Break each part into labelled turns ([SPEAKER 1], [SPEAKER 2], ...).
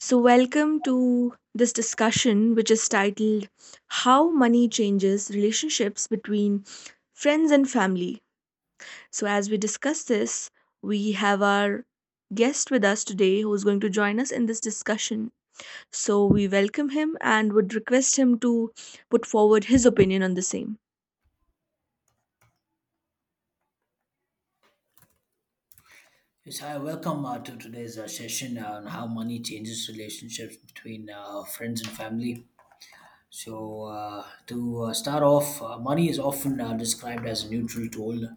[SPEAKER 1] So, welcome to this discussion, which is titled How Money Changes Relationships Between Friends and Family. So, as we discuss this, we have our guest with us today who is going to join us in this discussion. So, we welcome him and would request him to put forward his opinion on the same.
[SPEAKER 2] Yes, hi, welcome to today's session on how money changes relationships between friends and family. So, to start off, money is often described as a neutral tool,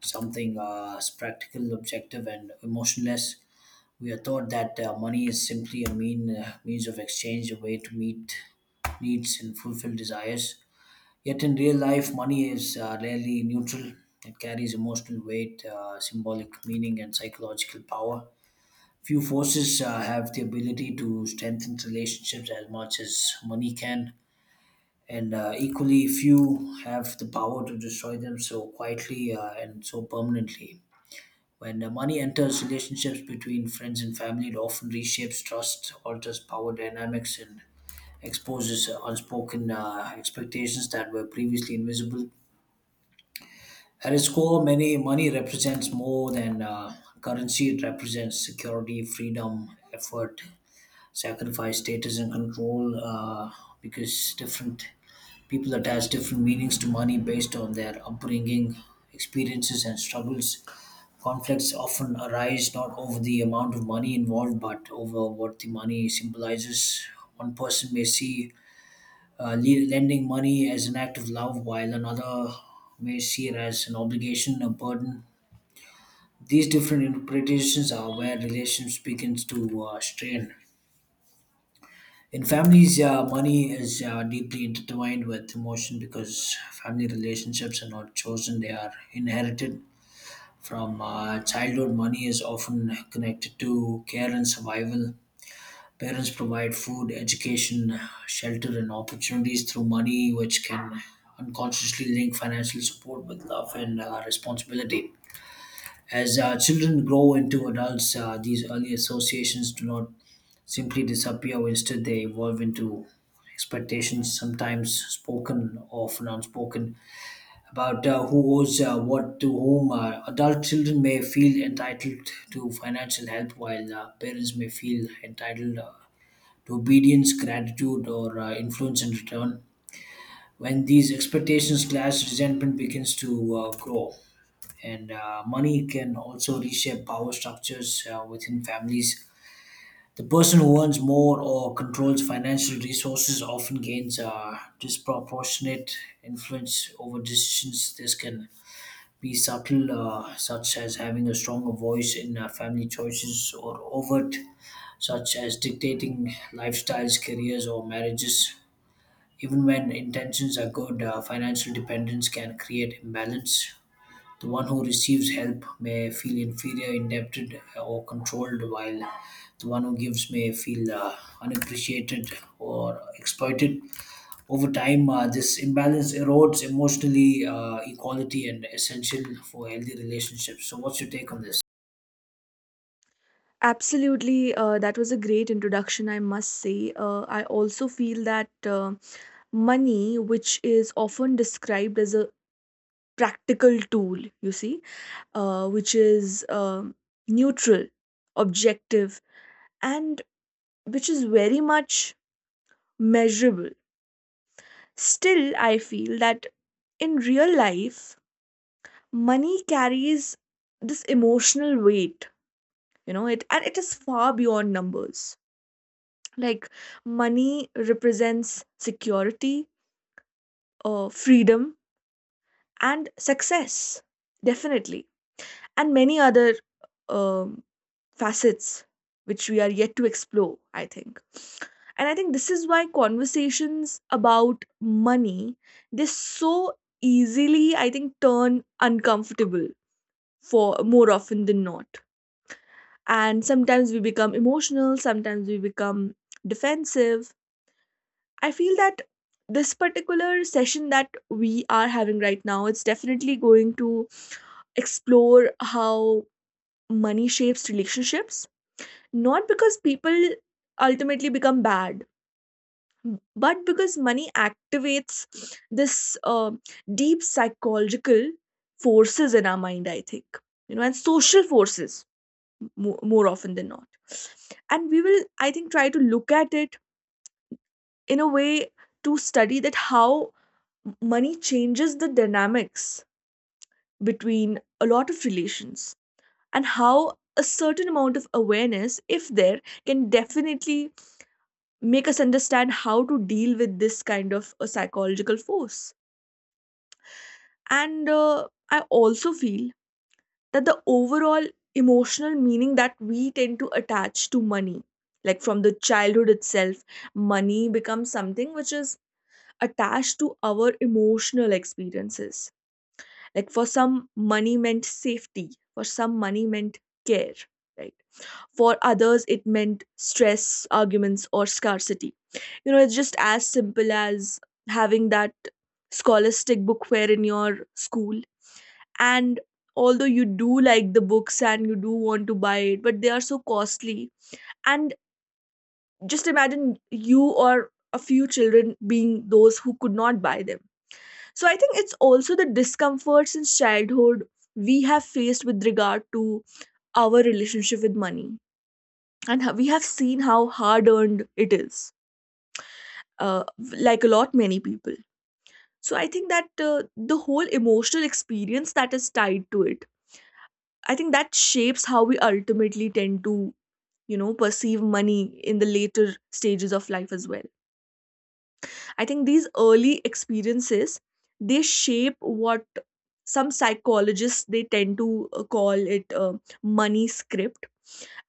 [SPEAKER 2] something is practical, objective, and emotionless. We are taught that money is simply a means of exchange, a way to meet needs and fulfill desires. Yet, in real life, money is rarely neutral. It carries emotional weight, symbolic meaning, and psychological power. Few forces have the ability to strengthen relationships as much as money can, and equally few have the power to destroy them so quietly and so permanently. When money enters relationships between friends and family, it often reshapes trust, alters power dynamics, and exposes unspoken expectations that were previously invisible. At its core, many money represents more than currency. It represents security, freedom, effort, sacrifice status and control, because different people attach different meanings to money based on their upbringing, experiences, and struggles. Conflicts often arise not over the amount of money involved, but over what the money symbolizes. One person may see lending money as an act of love, while another may see it as an obligation, a burden. These different interpretations are where relations begins to strain. In families, money is deeply intertwined with emotion because family relationships are not chosen, they are inherited. From childhood, money is often connected to care and survival. Parents provide food, education, shelter, and opportunities through money, which can unconsciously link financial support with love and responsibility. As children grow into adults, these early associations do not simply disappear. Instead, they evolve into expectations, sometimes spoken, often unspoken, about who owes what to whom. Adult children may feel entitled to financial help, while parents may feel entitled to obedience, gratitude, or influence in return. When these expectations clash, resentment begins to grow. And money can also reshape power structures within families. The person who earns more or controls financial resources often gains a disproportionate influence over decisions. This can be subtle, such as having a stronger voice in family choices, or overt, such as dictating lifestyles, careers, or marriages. Even when intentions are good, financial dependence can create imbalance. The one who receives help may feel inferior, indebted, or controlled, while the one who gives may feel unappreciated or exploited. Over time, this imbalance erodes emotionally equality and essential for healthy relationships. So, what's your take on this?
[SPEAKER 1] Absolutely, that was a great introduction, I must say. I also feel that money, which is often described as a practical tool, you see, which is um neutral, objective, and which is very much measurable. Still, I feel that in real life, money carries this emotional weight, it and it is far beyond numbers. Like money represents security, freedom, and success, definitely, and many other um facets which we are yet to explore, I think. And I think this is why conversations about money, they so easily, I think, turn uncomfortable, for more often than not. And sometimes we become emotional, sometimes we become defensive. I feel that this particular session that we are having right now, it's definitely going to explore how money shapes relationships. Not because people ultimately become bad, but because money activates this deep psychological forces in our mind, I think, you know, and social forces, more often than not. And we will, I think, try to look at it in a way to study that how money changes the dynamics between a lot of relations, and how a certain amount of awareness, if there, can definitely make us understand how to deal with this kind of a psychological force. And I also feel that the overall emotional meaning that we tend to attach to money, like from the childhood itself, money becomes something which is attached to our emotional experiences. Like for some, money meant safety, for some, money meant care, right? For others, it meant stress, arguments, or scarcity. It's just as simple as having that scholastic book fair in your school. And although you do like the books and you do want to buy it, but they are so costly. And just imagine you or a few children being those who could not buy them. So I think it's also the discomfort since childhood we have faced with regard to our relationship with money, and we have seen how hard earned it is, uh, like a lot many people. So I think that the whole emotional experience that is tied to it, I think that shapes how we ultimately tend to perceive money in the later stages of life as well. I think these early experiences, they shape what some psychologists, they tend to call it money script.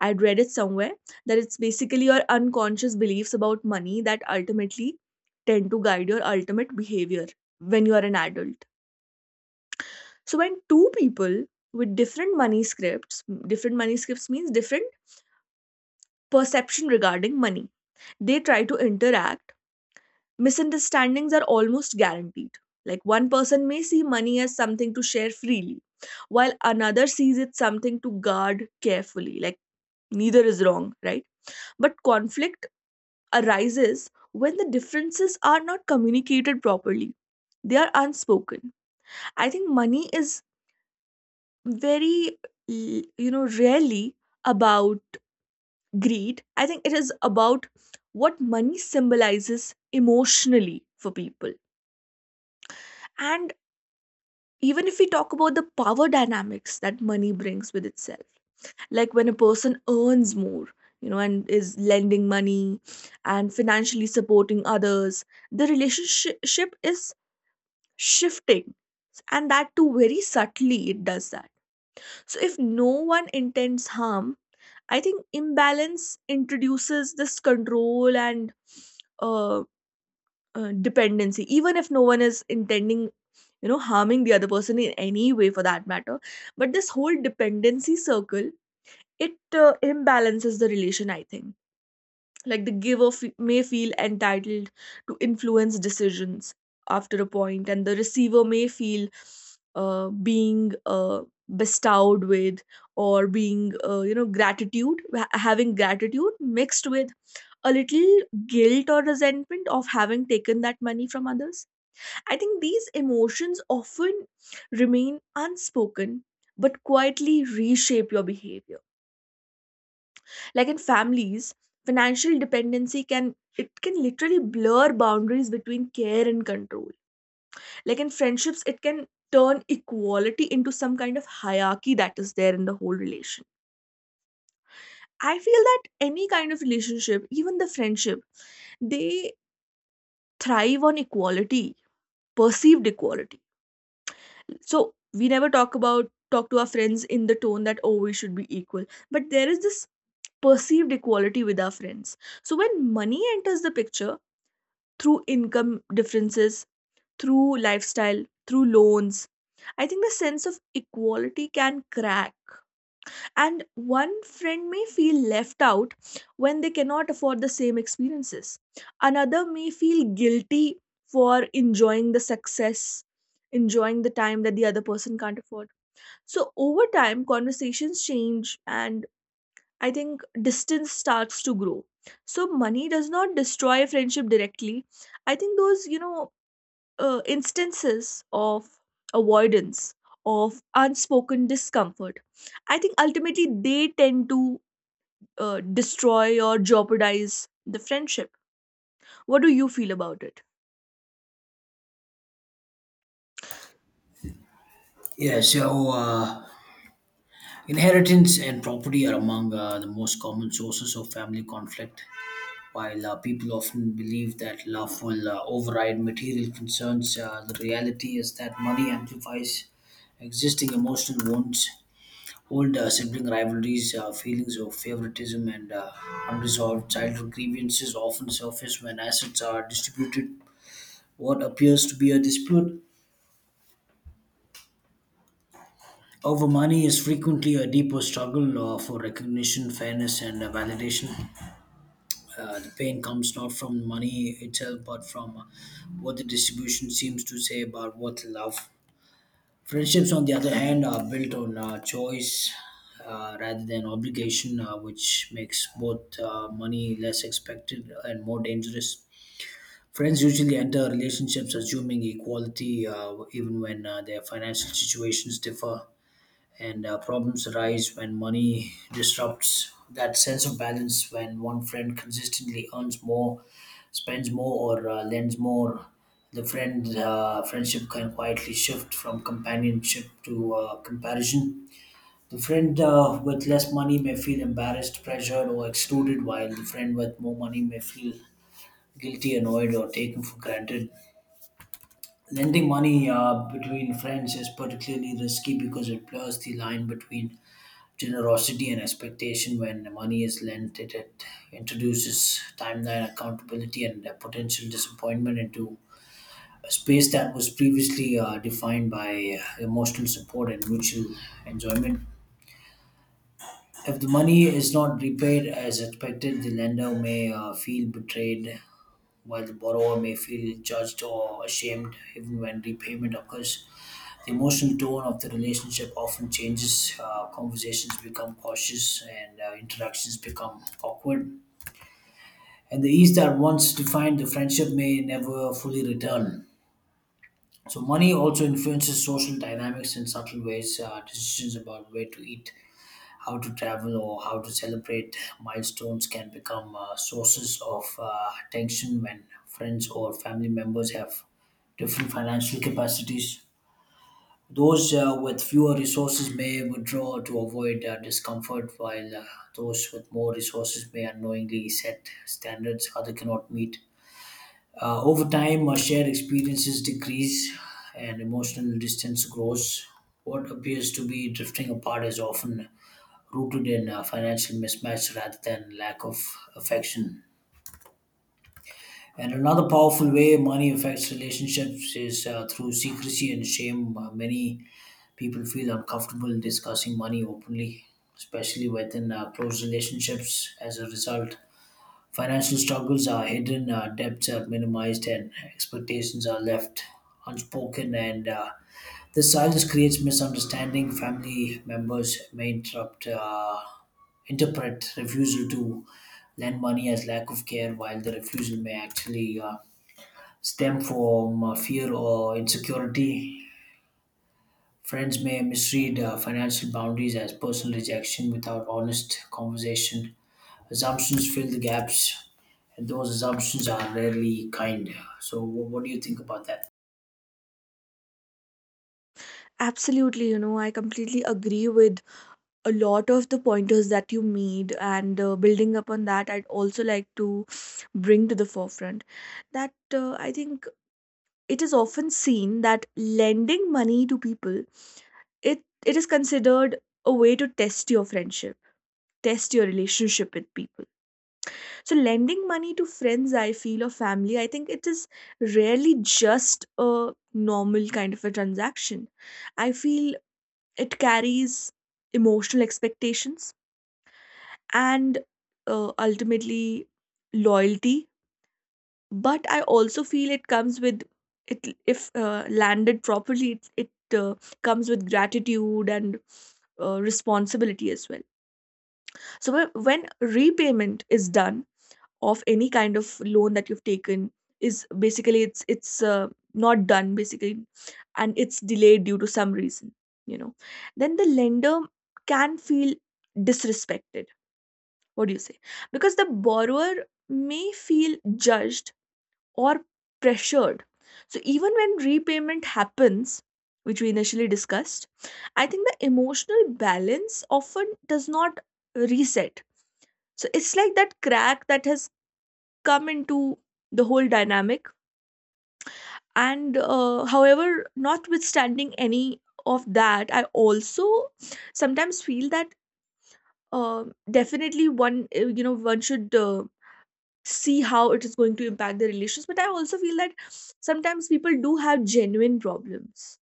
[SPEAKER 1] I'd read it somewhere that it's basically your unconscious beliefs about money that ultimately tend to guide your ultimate behavior when you are an adult. So when two people with different money scripts — different money scripts means different perception regarding money — they try to interact, misunderstandings are almost guaranteed. Like one person may see money as something to share freely, while another sees it something to guard carefully. Like, neither is wrong, right? But conflict arises when the differences are not communicated properly. They are unspoken. I think money is very rarely about greed. I think it is about what money symbolizes emotionally for people. And even if we talk about the power dynamics that money brings with itself, like when a person earns more, and is lending money and financially supporting others, the relationship is shifting, and that too very subtly it does that. So if no one intends harm, I think imbalance introduces this control and uh, dependency, even if no one is intending, harming the other person in any way for that matter. But this whole dependency circle, it imbalances the relation, I think. Like the giver may feel entitled to influence decisions after a point, and the receiver may feel being bestowed with, or being, gratitude, having gratitude mixed with a little guilt or resentment of having taken that money from others. I think these emotions often remain unspoken but quietly reshape your behavior. Like in families, financial dependency can it can literally blur boundaries between care and control. Like in friendships, it can turn equality into some kind of hierarchy that is there in the whole relation. I feel that any kind of relationship, even the friendship, they thrive on equality, perceived equality. So we never talk to our friends in the tone that, oh, we should be equal. But there is this perceived equality with our friends. So when money enters the picture through income differences, through lifestyle, through loans, I think the sense of equality can crack. And one friend may feel left out when they cannot afford the same experiences. Another may feel guilty for enjoying the success, enjoying the time that the other person can't afford. So, over time, conversations change, and I think distance starts to grow. So, money does not destroy a friendship directly. I think those, instances of avoidance, of unspoken discomfort, I think ultimately they tend to destroy or jeopardize the friendship. What do you feel about it?
[SPEAKER 2] Yeah, so inheritance and property are among the most common sources of family conflict. While people often believe that love will override material concerns, the reality is that money amplifies existing emotional wounds, old sibling rivalries, feelings of favoritism, and unresolved childhood grievances often surface when assets are distributed. What appears to be a dispute over money is frequently a deeper struggle for recognition, fairness, and validation. The pain comes not from money itself, but from what the distribution seems to say about what love. Friendships, on the other hand, are built on choice rather than obligation, which makes both money less expected and more dangerous. Friends usually enter relationships assuming equality, even when their financial situations differ, and problems arise when money disrupts that sense of balance. When one friend consistently earns more, spends more, or lends more, the friendship can quietly shift from companionship to comparison. The friend with less money may feel embarrassed, pressured, or excluded, while the friend with more money may feel guilty, annoyed, or taken for granted. Lending money between friends is particularly risky because it blurs the line between generosity and expectation. When money is lent, it introduces timeline accountability and potential disappointment into a space that was previously defined by emotional support and mutual enjoyment. If the money is not repaid as expected, the lender may feel betrayed, while the borrower may feel judged or ashamed even when repayment occurs. The emotional tone of the relationship often changes. Conversations become cautious and interactions become awkward. And the ease that once defined the friendship may never fully return. So, money also influences social dynamics in subtle ways. Decisions about where to eat, how to travel, or how to celebrate milestones can become sources of tension when friends or family members have different financial capacities. Those with fewer resources may withdraw to avoid discomfort, while those with more resources may unknowingly set standards others cannot meet. Over time, shared experiences decrease and emotional distance grows. What appears to be drifting apart is often rooted in financial mismatch rather than lack of affection. And another powerful way money affects relationships is through secrecy and shame. Many people feel uncomfortable discussing money openly, especially within close relationships. As a result, financial struggles are hidden, debts are minimized, and expectations are left unspoken. And this silence creates misunderstanding. Family members may interrupt, interpret refusal to lend money as lack of care, while the refusal may actually stem from fear or insecurity. Friends may misread financial boundaries as personal rejection without honest conversation. Assumptions fill the gaps, and those assumptions are rarely kind. So, wh- What do you think about that?
[SPEAKER 1] Absolutely, I completely agree with a lot of the pointers that you made, and building upon that, I'd also like to bring to the forefront that I think it is often seen that lending money to people, it it is considered a way to test your friendship, test your relationship with people. So lending money to friends, I feel, or family, I think it is rarely just a normal kind of a transaction. I feel it carries emotional expectations, and ultimately loyalty. But I also feel it comes with — it if landed properly, it comes with gratitude and responsibility as well. So when repayment is done of any kind of loan that you've taken, is basically it's not done basically, and it's delayed due to some reason, you know then the lender can feel disrespected, what do you say, because the borrower may feel judged or pressured. So even when repayment happens, which we initially discussed, I think the emotional balance often does not reset. So it's like that crack that has come into the whole dynamic. And however, notwithstanding any of that, I also sometimes feel that definitely one should see how it is going to impact their relations, but I also feel that sometimes people do have genuine problems,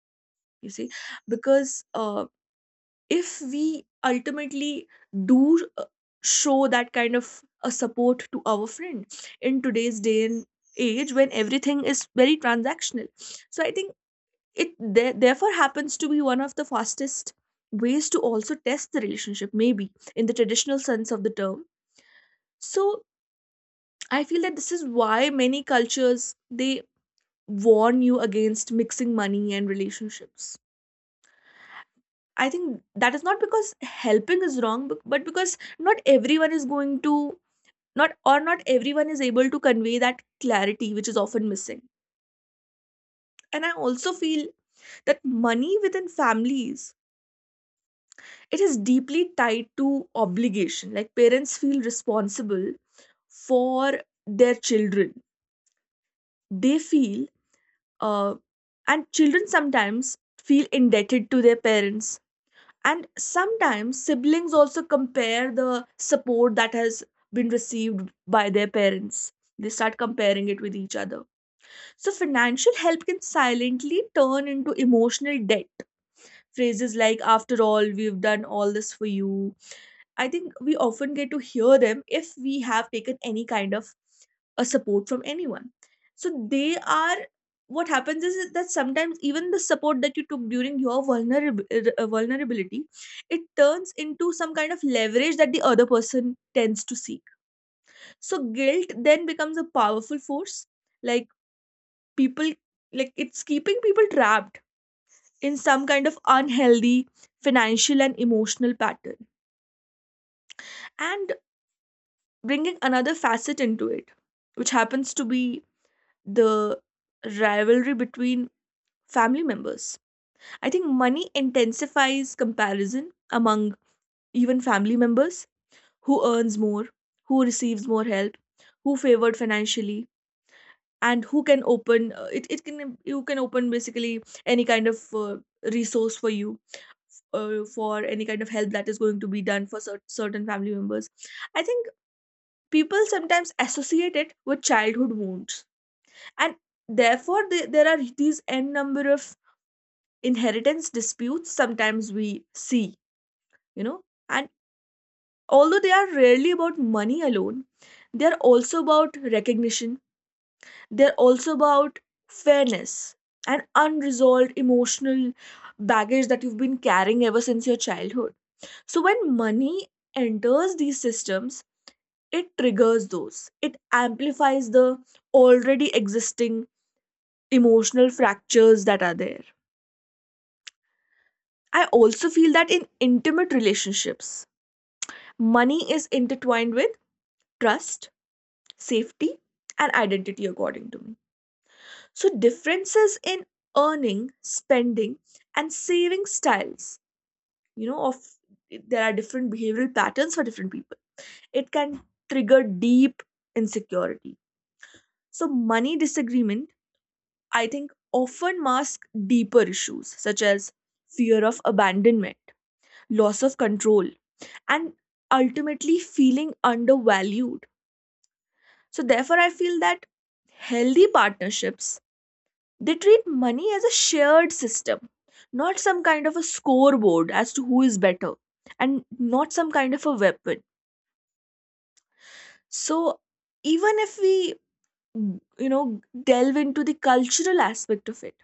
[SPEAKER 1] you see, because if we ultimately do show that kind of a support to our friend in today's day and age when everything is very transactional. So I think it there, therefore, happens to be one of the fastest ways to also test the relationship, maybe in the traditional sense of the term. So I feel that this is why many cultures, they warn you against mixing money and relationships. I think that is not because helping is wrong, but because not everyone is going to — not everyone is able to convey that clarity, which is often missing. And I also feel that money within families, it is deeply tied to obligation. Like parents feel responsible for their children. They feel uh, and children sometimes feel indebted to their parents, and sometimes siblings also compare the support that has been received by their parents. They start comparing it with each other. So financial help can silently turn into emotional debt. Phrases like, "after all we've done all this for you," I think we often get to hear them if we have taken any kind of a support from anyone. So they are what happens is that sometimes even the support that you took during your vulnerability, it turns into some kind of leverage that the other person tends to seek. So guilt then becomes a powerful force, like people, like, it's keeping people trapped in some kind of unhealthy financial and emotional pattern. And bringing another facet into it, which happens to be the rivalry between family members, I think money intensifies comparison among even family members: who earns more, who receives more help, who favored financially, and who can open it, it can you can open basically any kind of resource for you, for any kind of help that is going to be done for certain family members. I think people sometimes associate it with childhood wounds, and therefore there are these n number of inheritance disputes sometimes we see you know and although they are rarely about money alone, they're also about recognition, they're also about fairness and unresolved emotional baggage that you've been carrying ever since your childhood. So when money enters these systems, it triggers those, it amplifies the already existing emotional fractures that are there. I also feel that in intimate relationships, money is intertwined with trust, safety, and identity, according to me. So differences in earning, spending, and saving styles, you know, of There are different behavioral patterns for different people. It can trigger deep insecurity. So money disagreement, I think, often mask deeper issues such as fear of abandonment, loss of control, and ultimately feeling undervalued. So therefore, I feel that healthy partnerships, they treat money as a shared system, not some kind of a scoreboard as to who is better, and not some kind of a weapon. So even if we you know delve into the cultural aspect of it,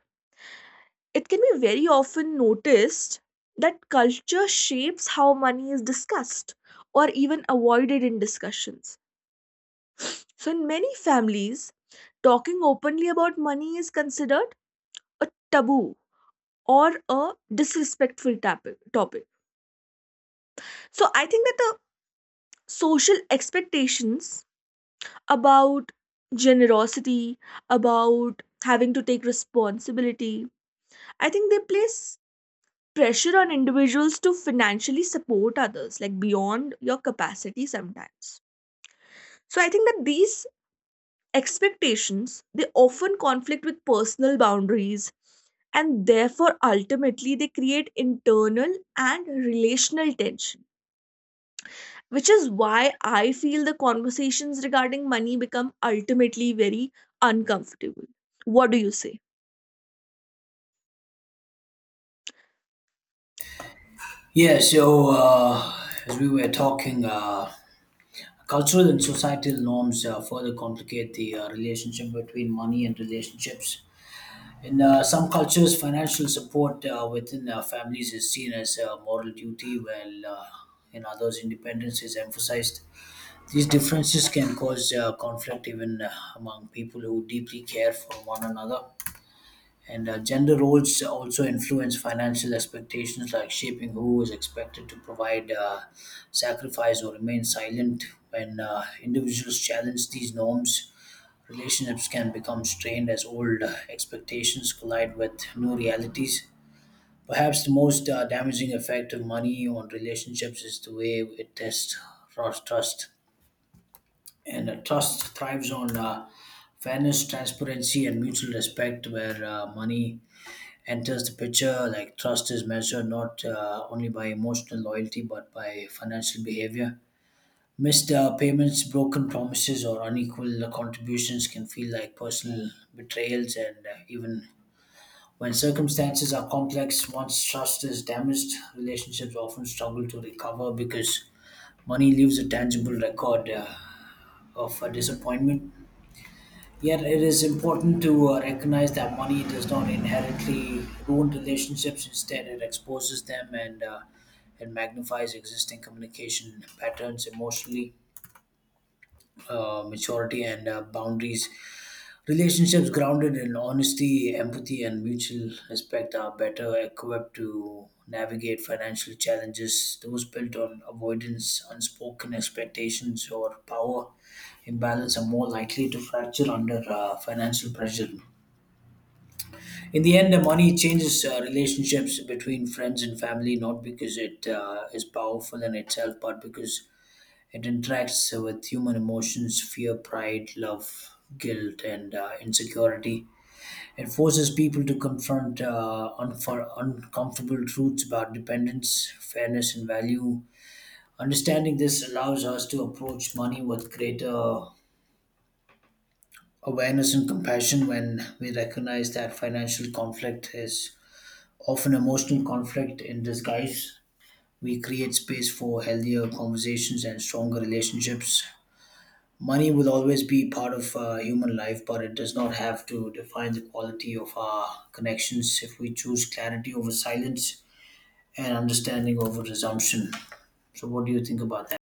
[SPEAKER 1] it can be very often noticed that culture shapes how money is discussed or even avoided in discussions. So in many families, talking openly about money is considered a taboo or a disrespectful topic. So I think that the social expectations about generosity, about having to take responsibility, I think they place pressure on individuals to financially support others, like beyond your capacity sometimes. So I think that these expectations, they often conflict with personal boundaries, and therefore ultimately they create internal and relational tension, which is why I feel the conversations regarding money become ultimately very uncomfortable. What do you say?
[SPEAKER 2] Yeah, so as we were talking, cultural and societal norms further complicate the relationship between money and relationships. In some cultures, financial support within families is seen as a moral duty, while in others, independence is emphasized. These differences can cause conflict even among people who deeply care for one another. And gender roles also influence financial expectations, like shaping who is expected to provide, sacrifice, or remain silent. When individuals challenge these norms, relationships can become strained as old expectations collide with new realities. Perhaps the most damaging effect of money on relationships is the way it tests trust, and a trust thrives on fairness, transparency, and mutual respect, where money enters the picture. Like trust is measured not only by emotional loyalty but by financial behavior. Missed payments, broken promises, or unequal contributions can feel like personal betrayals, and even when circumstances are complex, once trust is damaged, relationships often struggle to recover because money leaves a tangible record of disappointment. Yet it is important to recognize that money does not inherently ruin relationships. Instead, it exposes them and it magnifies existing communication patterns, emotionally maturity, and boundaries. Relationships grounded in honesty, empathy, and mutual respect are better equipped to navigate financial challenges. Those built on avoidance, unspoken expectations, or power imbalance are more likely to fracture under financial pressure. In the end, the money changes relationships between friends and family, not because it is powerful in itself, but because it interacts with human emotions, fear, pride, love, guilt, and insecurity. It forces people to confront uncomfortable truths about dependence, fairness, and value. Understanding this allows us to approach money with greater awareness and compassion. When we recognize that financial conflict is often emotional conflict in disguise, we create space for healthier conversations and stronger relationships. Money will always be part of human life, but it does not have to define the quality of our connections if we choose clarity over silence and understanding over presumption. So, what do you think about that?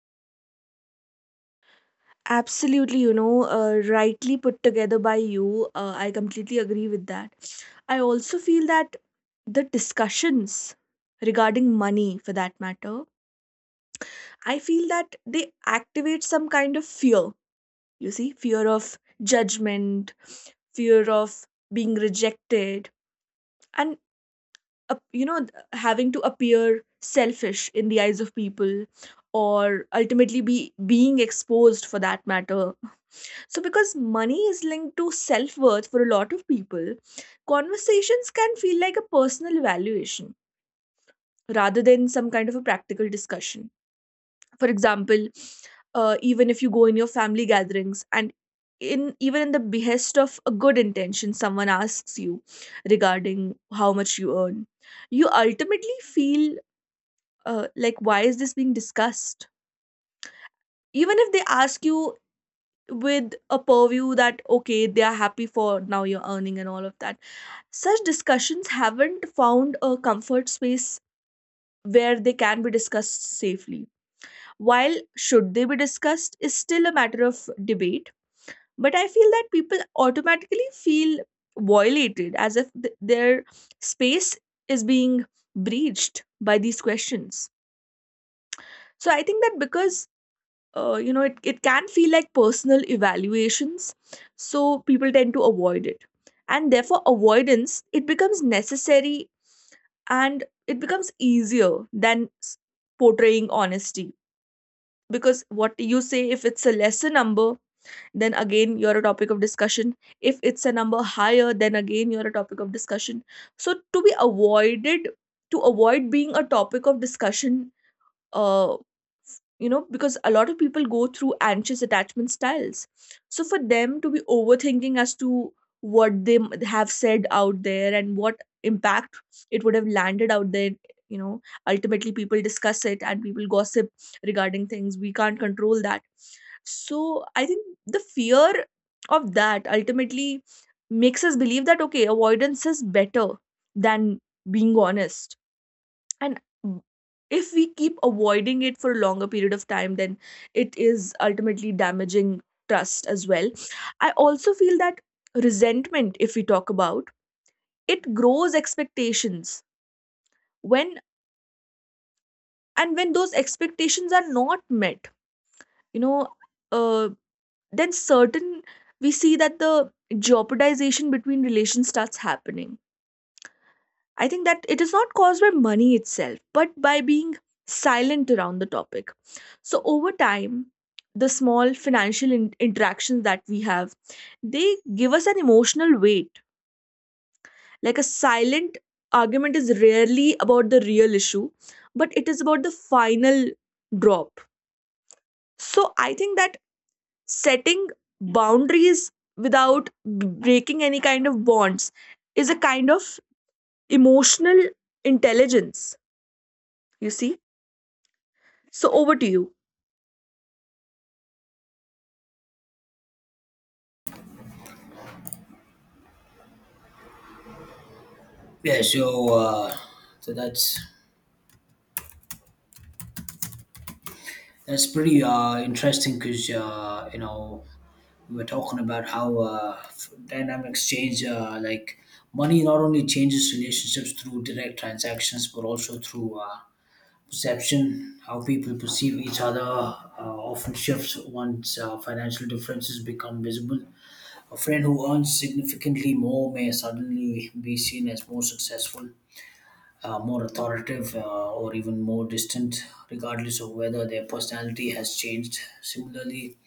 [SPEAKER 1] Absolutely, rightly put together by you. Uh, I completely agree with that. I also feel that the discussions regarding money, for that matter, I feel that they activate some kind of fear, you see, fear of judgment, fear of being rejected, and, uh, you know, having to appear selfish in the eyes of people, or ultimately be being exposed for that matter. So because money is linked to self worth for a lot of people, conversations can feel like a personal evaluation rather than some kind of a practical discussion. For example, even if you go in your family gatherings and in even in the behest of a good intention, someone asks you regarding how much you earn, you ultimately feel, like, why is this being discussed? Even if they ask you with a purview that okay, they are happy for now you're earning and all of that, such discussions haven't found a comfort space where they can be discussed safely. While should they be discussed is still a matter of debate. But I feel that people automatically feel violated as if their space is being breached by these questions. So I think that because, it can feel like personal evaluations, so people tend to avoid it. And therefore avoidance, it becomes necessary, and it becomes easier than portraying honesty, because what you say, if it's a lesser number, then again you're a topic of discussion. If it's a number higher, then again you're a topic of discussion. So to be avoided, to avoid being a topic of discussion, uh, because a lot of people go through anxious attachment styles. So for them to be overthinking as to what they have said out there and what impact it would have landed out there, you know, ultimately people discuss it and people gossip regarding things. We can't control that. So I think the fear of that ultimately makes us believe that okay, avoidance is better than being honest. And if we keep avoiding it for a longer period of time, then it is ultimately damaging trust as well. I also feel that resentment, if we talk about it, grows expectations when, and when those expectations are not met, you know, uh, then certain, we see that the jeopardization between relations starts happening. I think that it is not caused by money itself, but by being silent around the topic. So over time, the small financial interactions that we have, they give us an emotional weight. Like a silent argument is rarely about the real issue, but it is about the final drop. So I think that setting boundaries without breaking any kind of bonds is a kind of emotional intelligence, you see? So over to you.
[SPEAKER 2] Yeah, so that's pretty interesting, because you know, we were talking about how dynamics change. Like, money not only changes relationships through direct transactions, but also through perception. How people perceive each other often shifts once financial differences become visible. A friend who earns significantly more may suddenly be seen as more successful, more authoritative, or even more distant, regardless of whether their personality has changed. Similarly,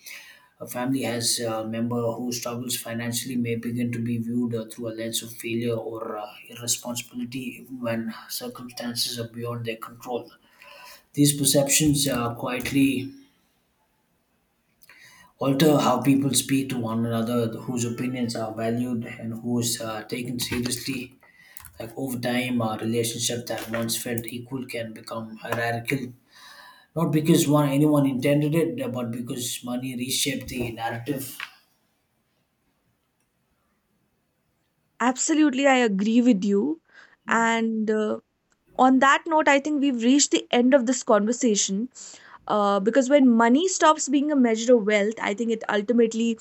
[SPEAKER 2] a family has a member who struggles financially may begin to be viewed through a lens of failure or irresponsibility, even when circumstances are beyond their control. These perceptions quietly alter how people speak to one another, whose opinions are valued, and who is taken seriously. Like over time, a relationship that once felt equal can become hierarchical, not because one anyone intended it, but because money reshaped the narrative.
[SPEAKER 1] Absolutely, I agree with you. And on that note, I think we've reached the end of this conversation. Because when money stops being a measure of wealth, I think it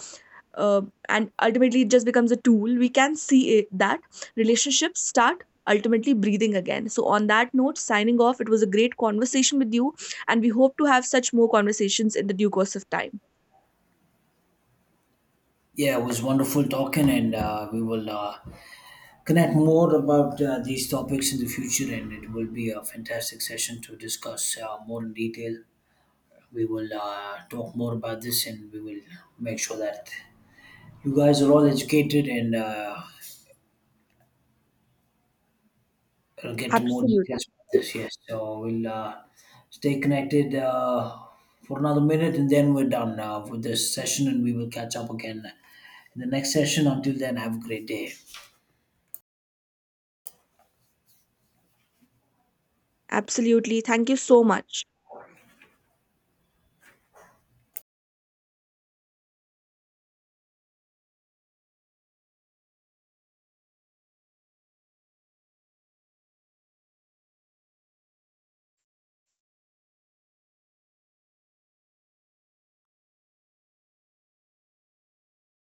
[SPEAKER 1] uh, ultimately it just becomes a tool. We can see it, that relationships start ultimately breathing again. So on that note, signing off. It was a great conversation with you, and we hope to have such more conversations in the due course of time.
[SPEAKER 2] Yeah, it was wonderful talking, and we will connect more about these topics in the future. And it will be a fantastic session to discuss more in detail. We will talk more about this, and we will make sure that you guys are all educated and. We'll get more
[SPEAKER 1] Absolutely.
[SPEAKER 2] details about this. Yes, so we'll stay connected for another minute, and then we're done with this session, and we will catch up again in the next session. Until then, have a great day.
[SPEAKER 1] Absolutely. Thank you so much.